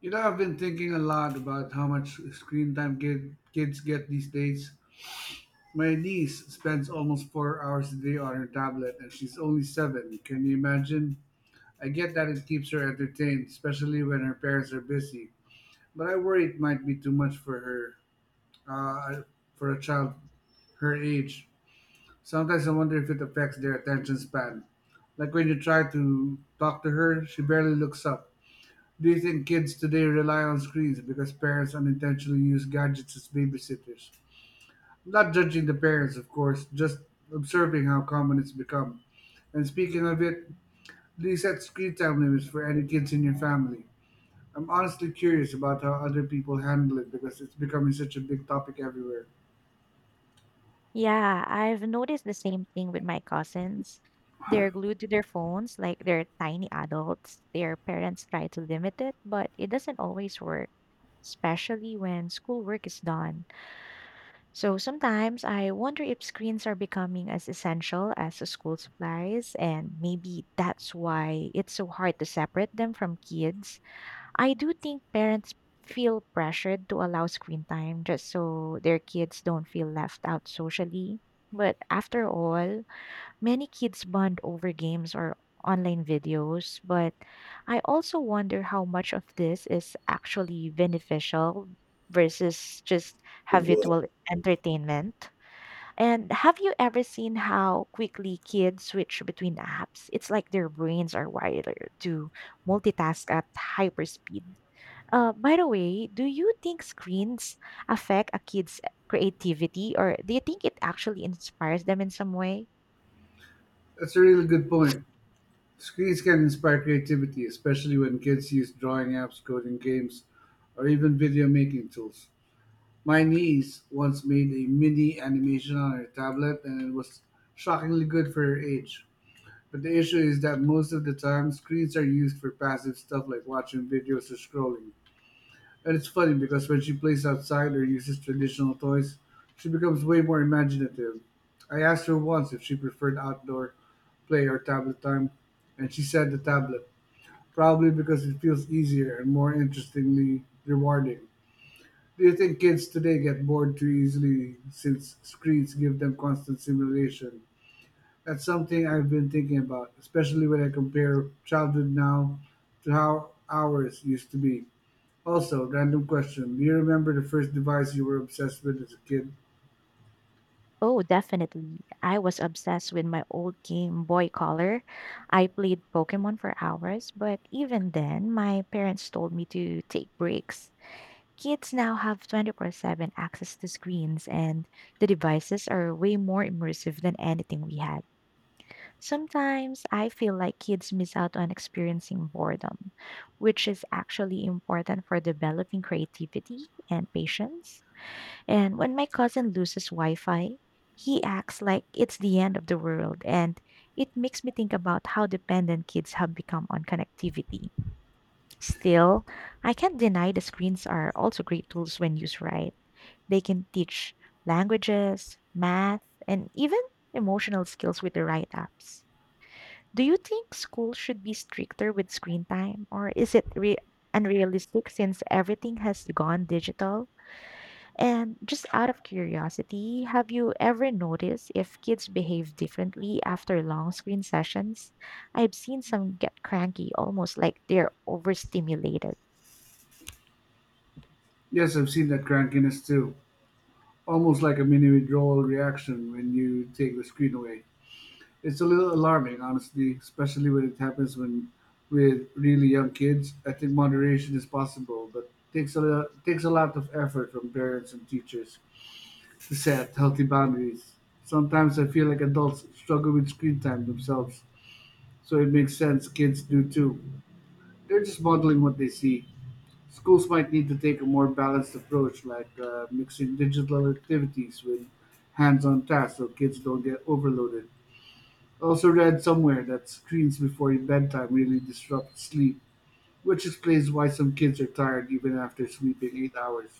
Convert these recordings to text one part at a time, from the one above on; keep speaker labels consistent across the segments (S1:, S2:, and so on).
S1: You know, I've been thinking a lot about how much screen time kids get these days. My niece spends almost 4 hours a day on her tablet, and she's only 7. Can you imagine? I get that it keeps her entertained, especially when her parents are busy, but I worry it might be too much for her, uh, for a child her age. Sometimes I wonder if it affects their attention span. Like when you try to talk to her, she barely looks up. Do you think kids today rely on screens because parents unintentionally use gadgets as babysitters? Not judging the parents, of course, just observing how common it's become. And speaking of it, do you set screen time limits for any kids in your family? I'm honestly curious about how other people handle it because it's becoming such a big topic everywhere.
S2: Yeah, I've noticed the same thing with my cousins. They're glued to their phones like they're tiny adults. Their parents try to limit it, but it doesn't always work, especially when schoolwork is done. So sometimes I wonder if screens are becoming as essential as the school supplies, and maybe that's why it's so hard to separate them from kids. I do think parents feel pressured to allow screen time just so their kids don't feel left out socially. But after all, many kids bond over games or online videos. But I also wonder how much of this is actually beneficial versus just habitual entertainment. And have you ever seen how quickly kids switch between apps? It's like their brains are wired to multitask at hyper speed. By the way, do you think screens affect a kid's creativity or do you think it actually inspires them in some way?
S1: That's a really good point. Screens can inspire creativity, especially when kids use drawing apps, coding games, or even video making tools. My niece once made a mini animation on her tablet, and it was shockingly good for her age. But the issue is that most of the time screens are used for passive stuff like watching videos or scrolling. And it's funny because when she plays outside or uses traditional toys, she becomes way more imaginative. I asked her once if she preferred outdoor play or tablet time, and she said the tablet, probably because it feels easier and more interestingly rewarding. Do you think kids today get bored too easily since screens give them constant stimulation? That's something I've been thinking about, especially when I compare childhood now to how ours used to be. Also, random question. Do you remember the first device you were obsessed with as a kid?
S2: Oh, definitely. I was obsessed with my old Game Boy Color. I played Pokemon for hours, but even then, my parents told me to take breaks. Kids now have 24/7 access to screens, and the devices are way more immersive than anything we had. Sometimes I feel like kids miss out on experiencing boredom, which is actually important for developing creativity and patience. And when my cousin loses Wi Fi, he acts like it's the end of the world, and it makes me think about how dependent kids have become on connectivity. Still, I can't deny the screens are also great tools when used right. They can teach languages, math, and even emotional skills with the right apps. Do you think school should be stricter with screen time, or is it unrealistic since everything has gone digital? And just out of curiosity, have you ever noticed if kids behave differently after long screen sessions? I've seen some get cranky, almost like they're overstimulated.
S1: Yes, I've seen that crankiness too. Almost like a mini withdrawal reaction when you take the screen away. It's a little alarming, honestly, especially when it happens when with really young kids. I think moderation is possible, but takes a lot of effort from parents and teachers to set healthy boundaries. Sometimes I feel like adults struggle with screen time themselves, so it makes sense kids do too. They're just modeling what they see. Schools might need to take a more balanced approach, like mixing digital activities with hands-on tasks, so kids don't get overloaded. Also read somewhere that screens before bedtime really disrupt sleep, which explains why some kids are tired even after sleeping 8 hours.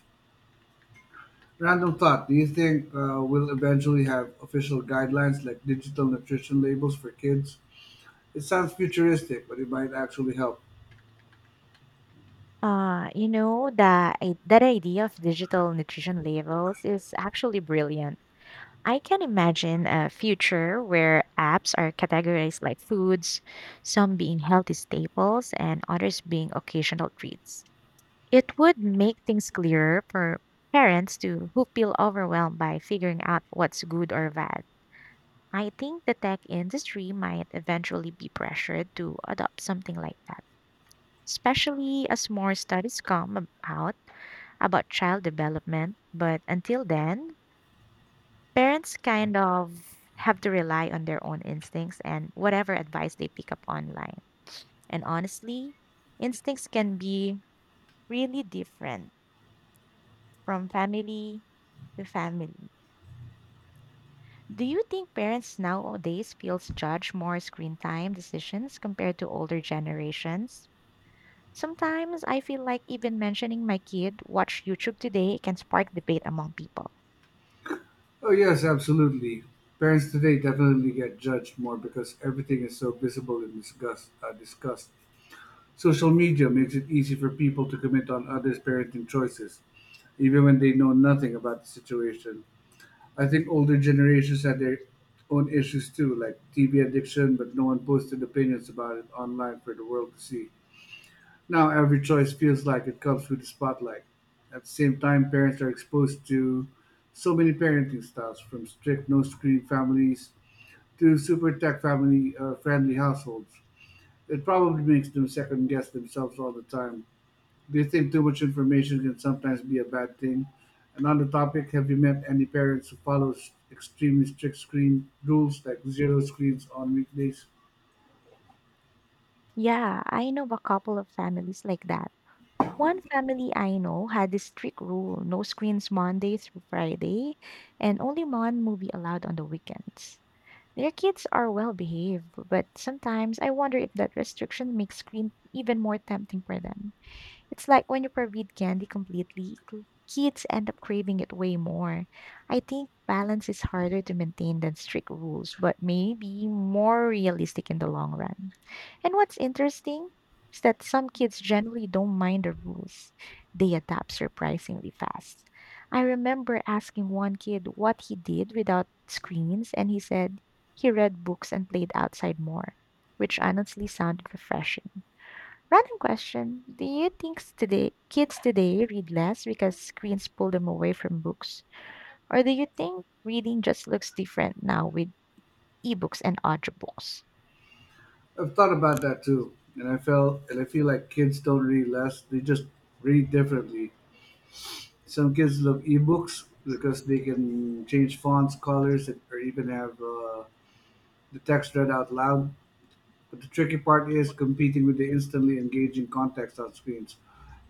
S1: Random thought: do you think we'll eventually have official guidelines like digital nutrition labels for kids? It sounds futuristic, but it might actually help.
S2: That idea of digital nutrition labels is actually brilliant. I can imagine a future where apps are categorized like foods, some being healthy staples and others being occasional treats. It would make things clearer for parents to who feel overwhelmed by figuring out what's good or bad. I think the tech industry might eventually be pressured to adopt something like that, especially as more studies come about child development. But until then, parents kind of have to rely on their own instincts and whatever advice they pick up online. And honestly, instincts can be really different from family to family. Do you think parents nowadays feels judge more screen time decisions compared to older generations? Sometimes I feel like even mentioning my kid watch YouTube today can spark debate among people.
S1: Oh yes, absolutely. Parents today definitely get judged more because everything is so visible and discussed. Social media makes it easy for people to comment on others' parenting choices, even when they know nothing about the situation. I think older generations had their own issues too, like TV addiction, but no one posted opinions about it online for the world to see. Now every choice feels like it comes with the spotlight. At the same time, parents are exposed to so many parenting styles, from strict no screen families to super tech family friendly households. It probably makes them second guess themselves all the time. Do you think too much information can sometimes be a bad thing? And on the topic, have you met any parents who follow extremely strict screen rules like zero screens on weekdays?
S2: Yeah, I know of a couple of families like that. One family I know had this strict rule no screens Monday through Friday, and only one movie allowed on the weekends. Their kids are well behaved, but sometimes I wonder if that restriction makes screen even more tempting for them. It's like when you forbid candy completely, kids end up craving it way more. I think balance is harder to maintain than strict rules, but maybe more realistic in the long run. And what's interesting is that some kids generally don't mind the rules, they adapt surprisingly fast. I remember asking one kid what he did without screens, and he said he read books and played outside more, which honestly sounded refreshing. Random question. Do you think today kids today read less because screens pull them away from books? Or do you think reading just looks different now with ebooks and audiobooks?
S1: I've thought about that too, and I felt and I feel like kids don't read less; they just read differently. Some kids love ebooks because they can change fonts, colors, or even have the text read out loud. But the tricky part is competing with the instantly engaging context on screens.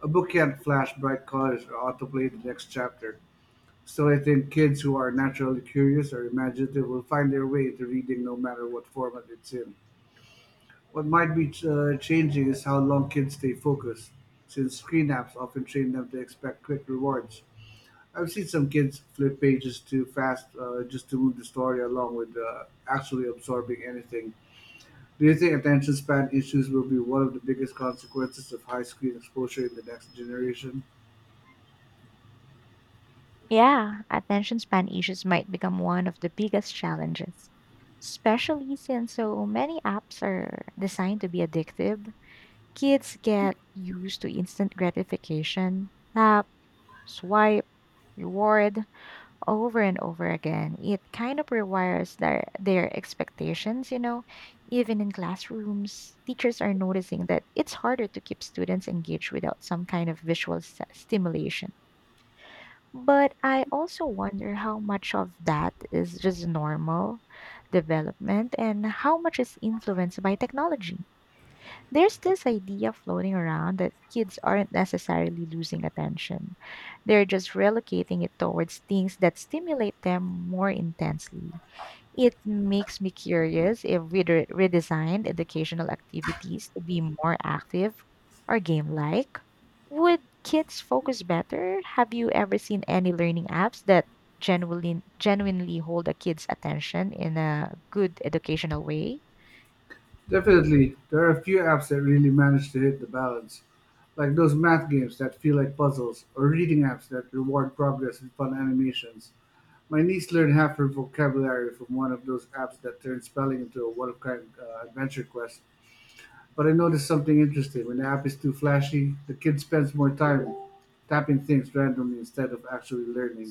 S1: A book can't flash bright colors or autoplay the next chapter. Still, I think kids who are naturally curious or imaginative will find their way into reading no matter what format it's in. What might be changing is how long kids stay focused, since screen apps often train them to expect quick rewards. I've seen some kids flip pages too fast just to move the story along with actually absorbing anything. Do you think attention span issues will be one of the biggest consequences of high screen exposure in the next generation?
S2: Yeah, attention span issues might become one of the biggest challenges, especially since so many apps are designed to be addictive. Kids get used to instant gratification, tap, swipe, reward, over and over again. It kind of rewires their expectations, you know. Even in classrooms, teachers are noticing that it's harder to keep students engaged without some kind of visual stimulation. But I also wonder how much of that is just normal development and how much is influenced by technology. There's this idea floating around that kids aren't necessarily losing attention. They're just relocating it towards things that stimulate them more intensely. It makes me curious if we redesigned educational activities to be more active or game like. Would kids focus better? Have you ever seen any learning apps that genuinely hold a kid's attention in a good educational way?
S1: Definitely, there are a few apps that really manage to hit the balance, like those math games that feel like puzzles, or reading apps that reward progress with fun animations. My niece learned half her vocabulary from one of those apps that turns spelling into a one of kind adventure quest. But I noticed something interesting. When the app is too flashy, the kid spends more time tapping things randomly instead of actually learning,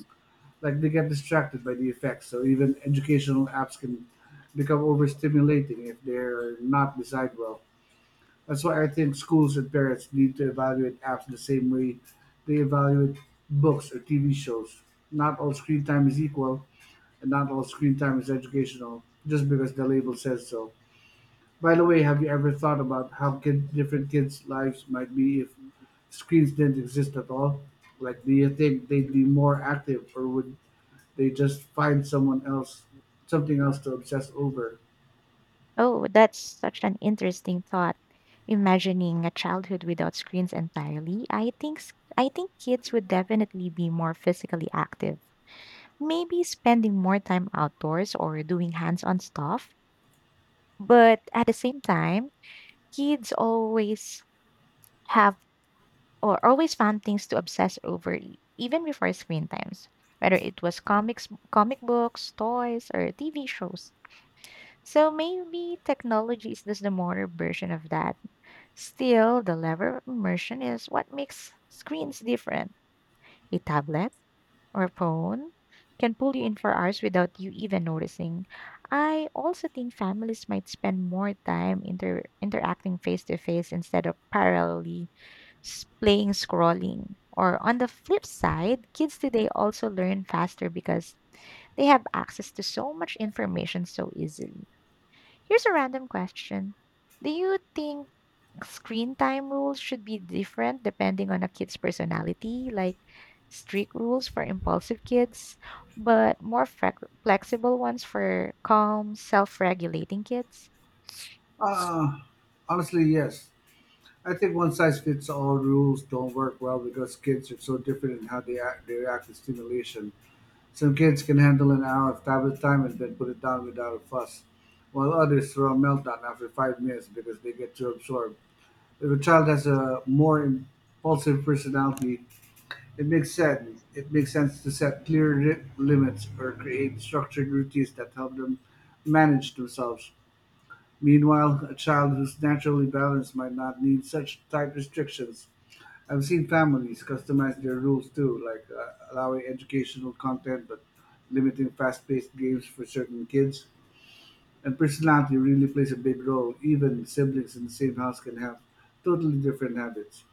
S1: like they get distracted by the effects. So even educational apps can become overstimulating if they're not designed well. That's why I think schools and parents need to evaluate apps the same way they evaluate books or TV shows. Not all screen time is equal, and not all screen time is educational just because the label says so. By the way, have you ever thought about how different kids' lives might be if screens didn't exist at all? Like, do you think they'd be more active, or would they just find something else to obsess over?
S2: Oh, that's such an interesting thought. Imagining a childhood without screens entirely, I think kids would definitely be more physically active. Maybe spending more time outdoors or doing hands-on stuff. But at the same time, kids always have or always found things to obsess over even before screen times, whether it was comics, comic books, toys, or TV shows. So maybe technology is just the modern version of that. Still, the level of immersion is what makes screens different. A tablet or phone can pull you in for hours without you even noticing. I also think families might spend more time interacting face to face instead of parallelly playing scrolling. Or on the flip side, kids today also learn faster because they have access to so much information so easily. Here's a random question. Do you think screen time rules should be different depending on a kid's personality, like strict rules for impulsive kids, but more flexible ones for calm, self regulating kids.
S1: Uh, Honestly, yes. I think one size fits all rules don't work well because kids are so different in how they react to stimulation. Some kids can handle an hour of tablet time and then put it down without a fuss, while others throw a meltdown after 5 minutes because they get too absorbed. If a child has a more impulsive personality, It makes sense it makes sense to set clear limits or create structured routines that help them manage themselves. Meanwhile, a child who's naturally balanced might not need such tight restrictions. I've seen families customize their rules too, like allowing educational content but limiting fast paced games for certain kids. And personality really plays a big role. Even siblings in the same house can have totally different habits.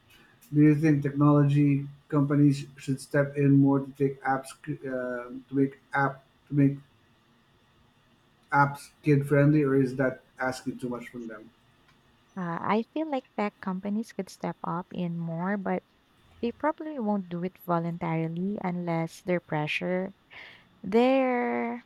S1: Do you think technology companies should step in more to take apps to make apps kid friendly, or is that asking too much from them?
S2: I feel like tech companies could step up in more, but they probably won't do it voluntarily unless they're pressure. They're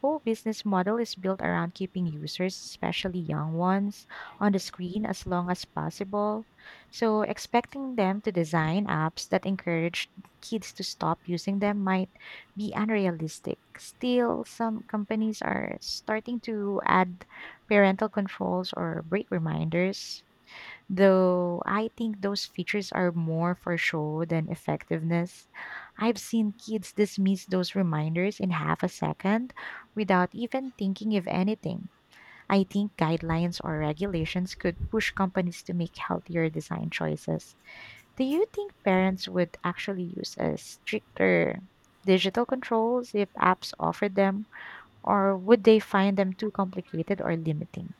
S2: whole business model is built around keeping users, especially young ones, on the screen as long as possible. So, expecting them to design apps that encourage kids to stop using them might be unrealistic. Still, some companies are starting to add parental controls or break reminders. Though I think those features are more for show than effectiveness. I've seen kids dismiss those reminders in half a second without even thinking of anything. I think guidelines or regulations could push companies to make healthier design choices. Do you think parents would actually use a stricter digital controls if apps offered them, or would they find them too complicated or limiting?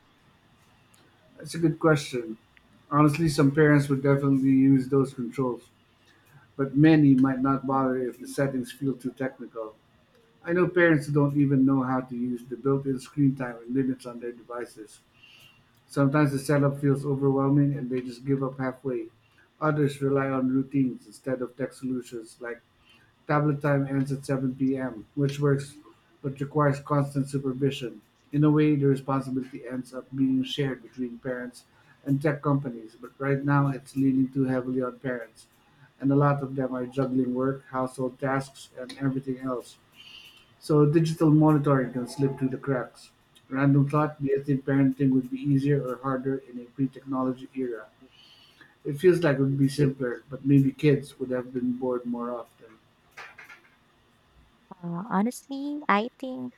S1: That's a good question. Honestly, some parents would definitely use those controls, but many might not bother if the settings feel too technical. I know parents who don't even know how to use the built in screen time and limits on their devices. Sometimes the setup feels overwhelming and they just give up halfway. Others rely on routines instead of tech solutions, like tablet time ends at 7 p.m., which works but requires constant supervision. In a way, the responsibility ends up being shared between parents and tech companies, but right now it's leaning too heavily on parents, and a lot of them are juggling work, household tasks, and everything else. So digital monitoring can slip through the cracks. Random thought, do you think parenting would be easier or harder in a pre-technology era? It feels like it would be simpler, but maybe kids would have been bored more often.
S2: Honestly, I think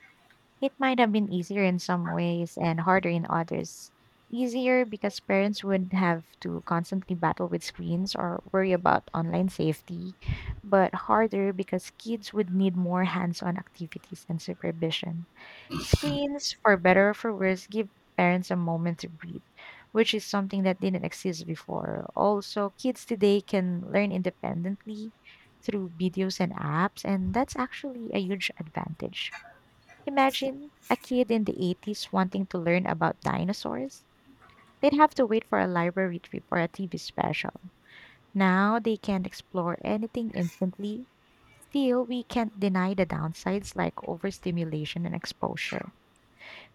S2: it might have been easier in some ways and harder in others. Easier because parents would have to constantly battle with screens or worry about online safety, but harder because kids would need more hands on activities and supervision. Screens, for better or for worse, give parents a moment to breathe, which is something that didn't exist before. Also, kids today can learn independently through videos and apps, and that's actually a huge advantage. Imagine a kid in the 80s wanting to learn about dinosaurs. They'd have to wait for a library trip or a TV special. Now they can explore anything instantly. Still, we can't deny the downsides like overstimulation and exposure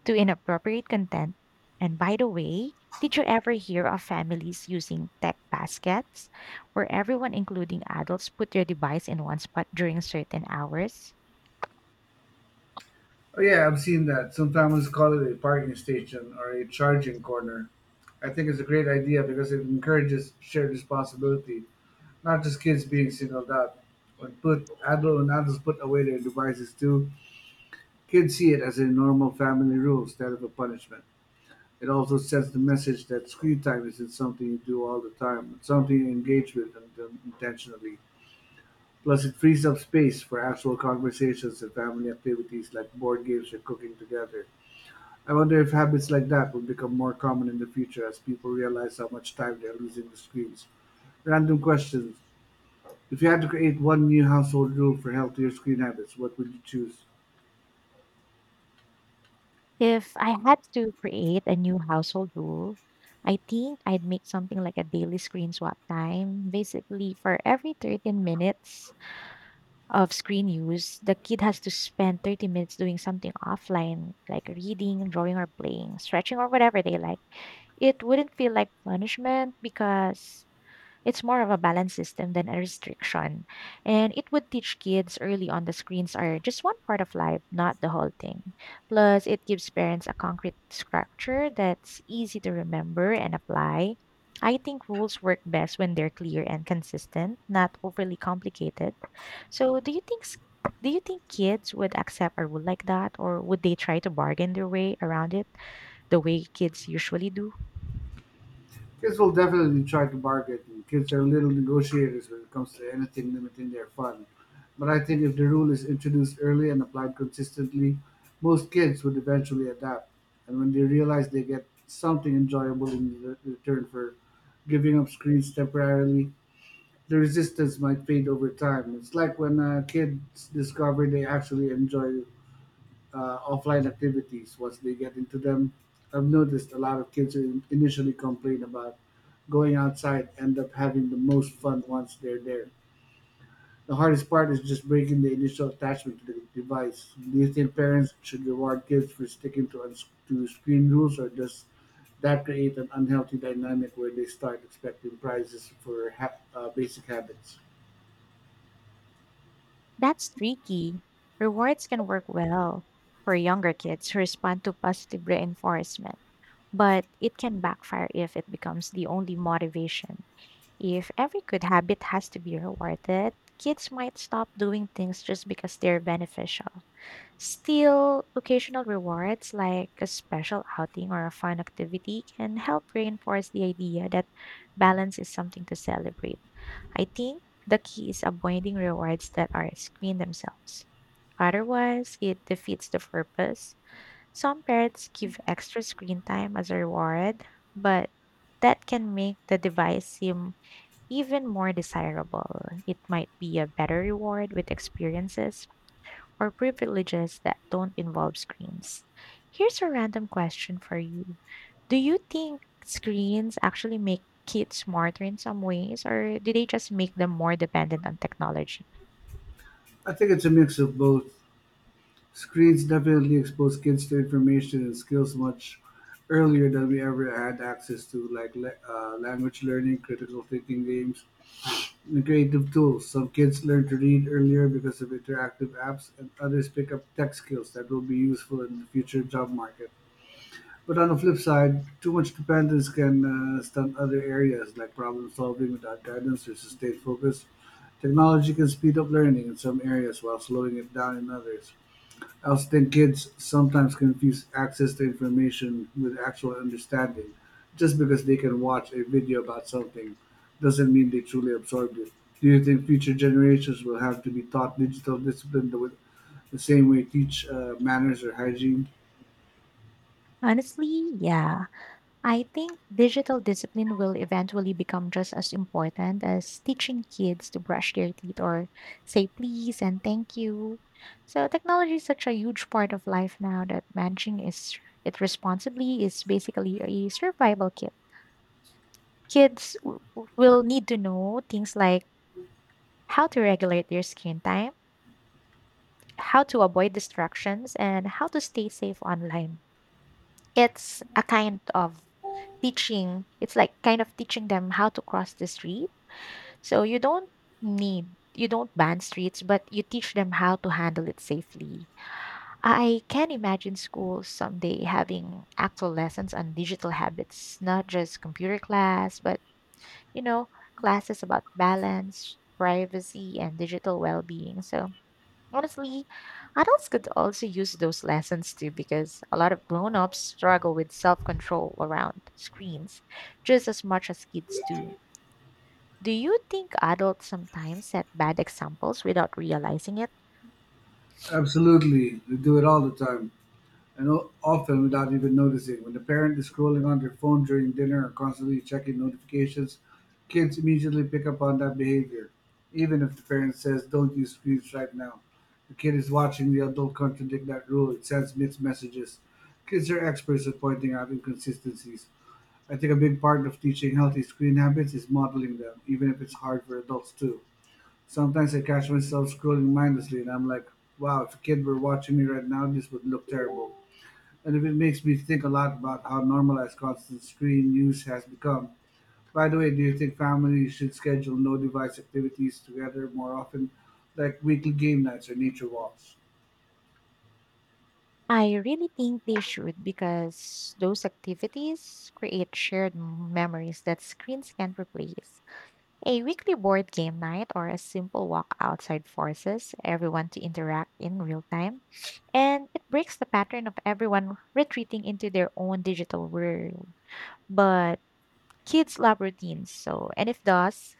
S2: to inappropriate content. And by the way, did you ever hear of families using tech baskets where everyone, including adults, put their device in one spot during certain hours?
S1: Oh yeah, I've seen that. Some families call it a parking station or a charging corner. I think it's a great idea because it encourages shared responsibility, not just kids being singled out. When adults put away their devices too, kids see it as a normal family rule instead of a punishment. It also sends the message that screen time isn't something you do all the time, it's something you engage intentionally. Plus, it frees up space for actual conversations and family activities like board games or cooking together. I wonder if habits like that will become more common in the future as people realize how much time they are losing to screens. Random questions. If you had to create one new household rule for healthier screen habits, what would you choose?
S2: If I had to create a new household rule, I think I'd make something like a daily screen swap time. Basically, for every 13 minutes of screen use, the kid has to spend 30 minutes doing something offline, like reading, drawing, or playing, stretching, or whatever they like. It wouldn't feel like punishment because it's more of a balanced system than a restriction. And it would teach kids early on the screens are just one part of life, not the whole thing. Plus, it gives parents a concrete structure that's easy to remember and apply. I think rules work best when they're clear and consistent, not overly complicated. So, do you think kids would accept a rule like that or would they try to bargain their way around it the way kids usually do?
S1: Kids will definitely try to bargain. And Kids are little negotiators when it comes to anything limiting their fun. But I think if the rule is introduced early and applied consistently, most kids would eventually adapt. And when they realize they get something enjoyable in return for giving up screens temporarily, the resistance might fade over time. It's like when kids discover they actually enjoy offline activities once they get into them. I've noticed a lot of kids who initially complain about going outside end up having the most fun once they're there. The hardest part is just breaking the initial attachment to the device. Do you think parents should reward kids for to screen rules, or does that create an unhealthy dynamic where they start expecting prizes for basic habits?
S2: That's tricky. Rewards can work well for younger kids who respond to positive reinforcement, but it can backfire if it becomes the only motivation. If every good habit has to be rewarded, kids might stop doing things just because they're beneficial. Still, occasional rewards like a special outing or a fun activity can help reinforce the idea that balance is something to celebrate. I think the key is avoiding rewards that are screen themselves. Otherwise, it defeats the purpose. Some parents give extra screen time as a reward, but that can make the device seem even more desirable. It might be a better reward with experiences or privileges that don't involve screens. Here's a random question for you. Do you think screens actually make kids smarter in some ways, or do they just make them more dependent on technology?
S1: I think it's a mix of both. Screens definitely expose kids to information and skills much earlier than we ever had access to, like language learning, critical thinking games, and creative tools. Some kids learn to read earlier because of interactive apps, and others pick up tech skills that will be useful in the future job market. But on the flip side, too much dependence can stunt other areas like problem solving without guidance or sustained focus. Technology can speed up learning in some areas while slowing it down in others. Else then kids sometimes confuse access to information with actual understanding. Just because they can watch a video about something doesn't mean they truly absorbed it. Do you think future generations will have to be taught digital discipline the same way teach manners or hygiene?
S2: Honestly, yeah. I think digital discipline will eventually become just as important as teaching kids to brush their teeth or say please and thank you. So technology is such a huge part of life now that managing is it responsibly is basically a survival kit. Kids will need to know things like how to regulate their screen time, how to avoid distractions, and how to stay safe online. It's a kind of teaching it's like kind of teaching them how to cross the street, so you don't need you don't ban streets, but you teach them how to handle it safely. I can imagine schools someday having actual lessons on digital habits, not just computer class but you know, classes about balance, privacy, and digital well being. So, honestly, adults could also use those lessons too, because a lot of grown ups struggle with self control around screens just as much as kids do. Do you think adults sometimes set bad examples without realizing it?
S1: Absolutely. We do it all the time. And often without even noticing. When the parent is scrolling on their phone during dinner or constantly checking notifications, kids immediately pick up on that behavior. Even if the parent says, don't use screens right now, the kid is watching the adult contradict that rule. It sends mixed messages. Kids are experts at pointing out inconsistencies. I think a big part of teaching healthy screen habits is modeling them, even if it's hard for adults too. Sometimes I catch myself scrolling mindlessly and I'm like, wow, if a kid were watching me right now, this would look terrible and it makes me think a lot about how normalized constant screen use has become. By the way, do you think families should schedule no device activities together more often, like weekly game nights or nature walks?
S2: I really think they should, because those activities create shared memories that screens can't replace. A weekly board game night or a simple walk outside forces everyone to interact in real time, and it breaks the pattern of everyone retreating into their own digital world. But kids love routines, so and if does,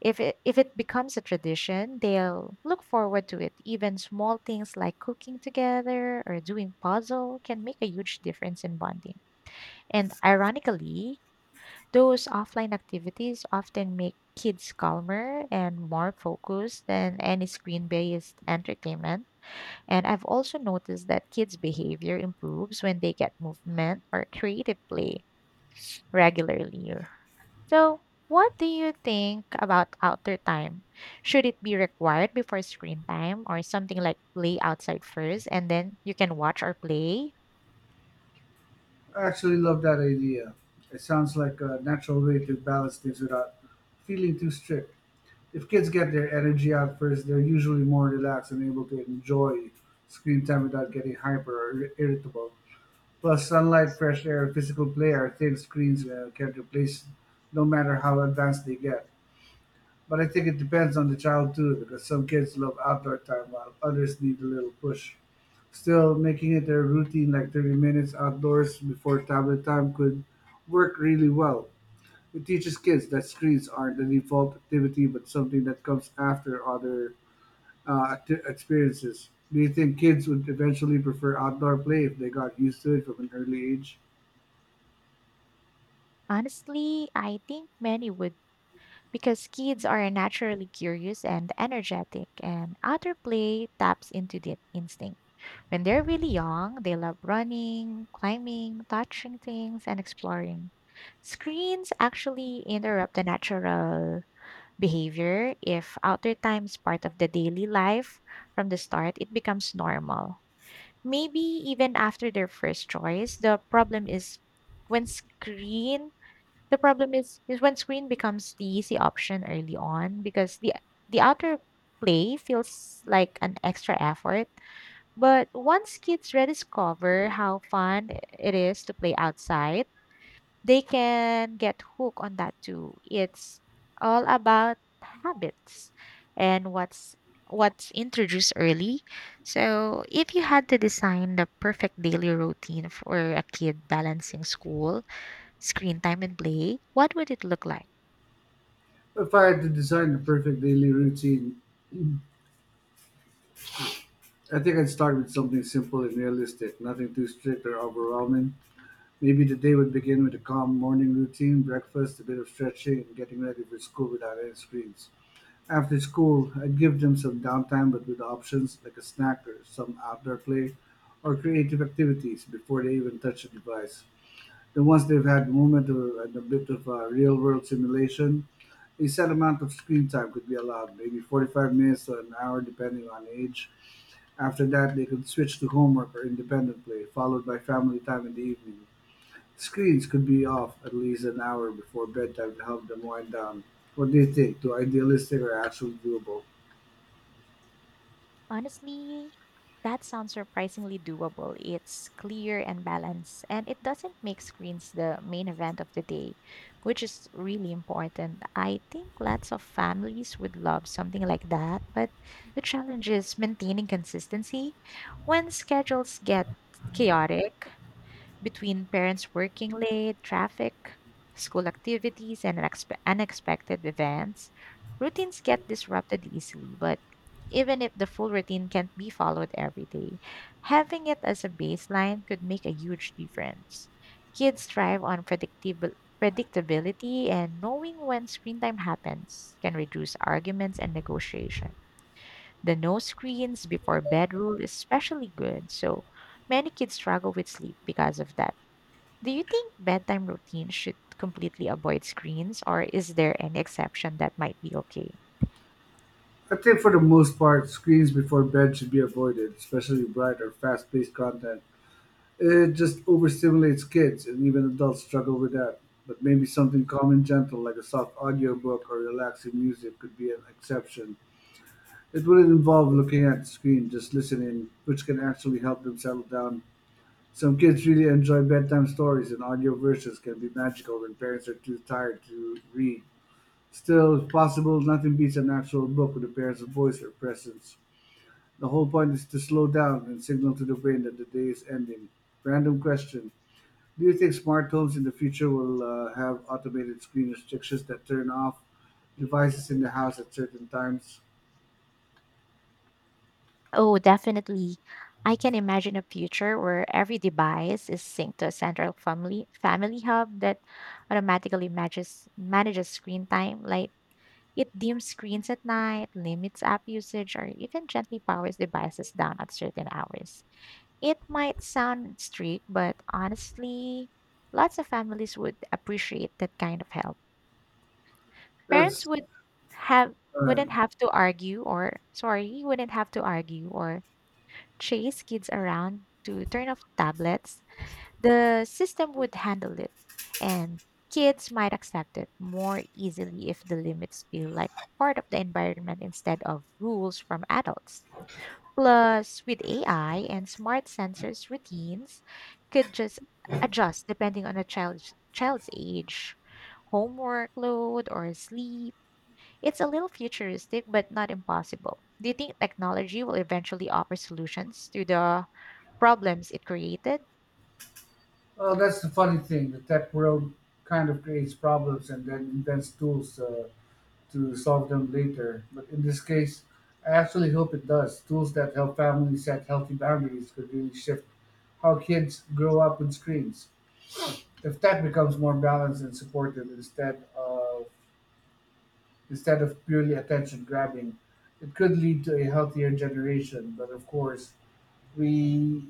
S2: if it becomes a tradition, they'll look forward to it. Even small things like cooking together or doing puzzle can make a huge difference in bonding. And ironically, those offline activities often make kids calmer and more focused than any screen based entertainment. And I've also noticed that kids' behavior improves when they get movement or creative play regularly. So, what do you think about outdoor time? Should it be required before screen time, or something like play outside first and then you can watch or play?
S1: I actually love that idea. It sounds like a natural way to balance things without feeling too strict. If kids get their energy out first, they're usually more relaxed and able to enjoy screen time without getting hyper or irritable. Plus sunlight, fresh air, physical play are things screens can't replace no matter how advanced they get. But I think it depends on the child too because some kids love outdoor time while others need a little push. Still, making it a routine like 30 minutes outdoors before tablet time could work really well. It teaches kids that screens aren't the default activity but something that comes after other experiences. Do you think kids would eventually prefer outdoor play if they got used to it from an early age?
S2: Honestly, I think many would, because kids are naturally curious and energetic, and outdoor play taps into that instinct. When they're really young, they love running, climbing, touching things, and exploring. Screens actually interrupt the natural behavior. If outdoor time is part of the daily life from the start, it becomes normal. Maybe even after their first choice. The problem is when screen the problem is when screen becomes the easy option early on, because the outer play feels like an extra effort. But once kids rediscover how fun it is to play outside, they can get hooked on that too. It's all about habits and what's introduced early. So if you had to design the perfect daily routine for a kid balancing school, screen time and play, what would it look like?
S1: If I had to design the perfect daily routine, I think I'd start with something simple and realistic, nothing too strict or overwhelming. Maybe the day would begin with a calm morning routine, breakfast, a bit of stretching, and getting ready for school without any screens. After school, I'd give them some downtime but with options like a snack or some outdoor play or creative activities before they even touch a device. Then once they've had the moment or and a bit of real world simulation, a set amount of screen time could be allowed, maybe 45 minutes to an hour, depending on age. After that, they could switch to homework or independent play, followed by family time in the evening. Screens could be off at least an hour before bedtime to help them wind down. What do you think? Too idealistic or actually doable?
S2: Honestly, that sounds surprisingly doable. It's clear and balanced, and it doesn't make screens the main event of the day, which is really important. I think lots of families would love something like that, but the challenge is maintaining consistency when schedules get chaotic, between parents working late, traffic, school activities, and unexpected events. Routines get disrupted easily. But even if the full routine can't be followed every day, having it as a baseline could make a huge difference. Kids thrive on predictable predictability, and knowing when screen time happens can reduce arguments and negotiation. The no screens before bed rule is especially good, so many kids struggle with sleep because of that. Do you think bedtime routines should completely avoid screens, or is there an exception that might be okay?
S1: I think for the most part, screens before bed should be avoided, especially bright or fast paced content. It just overstimulates kids, and even adults struggle with that. But maybe something calm and gentle, like a soft audiobook or relaxing music, could be an exception. It wouldn't involve looking at the screen, just listening, which can actually help them settle down. Some kids really enjoy bedtime stories, and audio versions can be magical when parents are too tired to read. Still, if possible, nothing beats an actual book with a parent's voice or presence. The whole point is to slow down and signal to the brain that the day is ending. Random question, do you think smart homes in the future will have automated screen restrictions that turn off devices in the house at certain times?
S2: Oh, definitely. I can imagine a future where every device is synced to a central family hub that automatically manages screen time. Like, it dims screens at night, limits app usage, or even gently powers devices down at certain hours. It might sound strict, but honestly, lots of families would appreciate that kind of help. Parents
S1: That's
S2: would have
S1: uh,
S2: wouldn't have to argue or sorry, wouldn't have to argue or chase kids around to turn off tablets. The system would handle it, and kids might accept it more easily if the limits feel like part of the environment instead of rules from adults. Plus, with AI and smart sensors, routines could just adjust depending on a child's age, homework load, or sleep. It's a little futuristic, but not impossible. Do you think technology will eventually offer solutions to the problems it created?
S1: well, that's the funny thing. The tech world kind of creates problems and then invents tools to solve them later. But in this case, I actually hope it does. Tools that help families set healthy boundaries could really shift how kids grow up with screens. If tech becomes more balanced and supportive instead of purely attention grabbing. It could lead to a healthier generation, but of course, we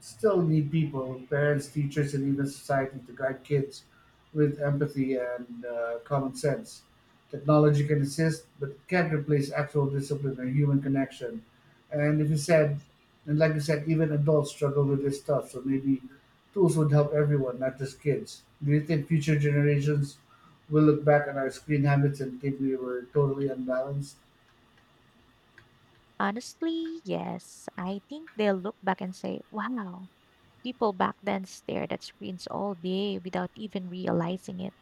S1: still need people, parents, teachers, and even society to guide kids with empathy and common sense. Technology can assist, but it can't replace actual discipline or human connection. And if you said, and like you said, even adults struggle with this stuff, so maybe tools would help everyone, not just kids. Do you think future generations will look back at our screen habits and think we were totally unbalanced?
S2: Honestly, yes. I think they'll look back and say, wow, people back then stared at screens all day without even realizing it,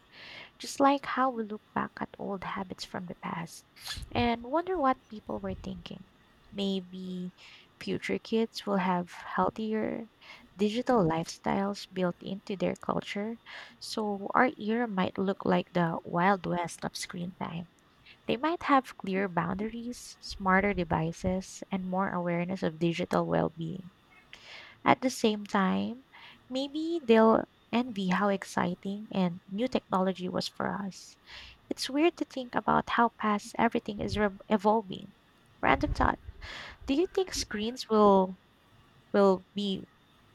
S2: just like how we look back at old habits from the past and wonder what people were thinking. Maybe future kids will have healthier digital lifestyles built into their culture, so our era might look like the Wild West of screen time. They might have clear boundaries, smarter devices, and more awareness of digital well being. At the same time, maybe they'll envy how exciting and new technology was for us. It's weird to think about how fast everything is evolving. Random thought. Do you think screens will be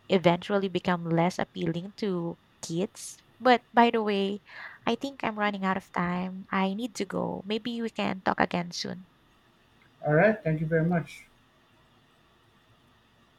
S2: eventually become less appealing to kids? But by the way, I think I'm running out of time. I need to go. Maybe we can talk again soon.
S1: All right, thank you very much.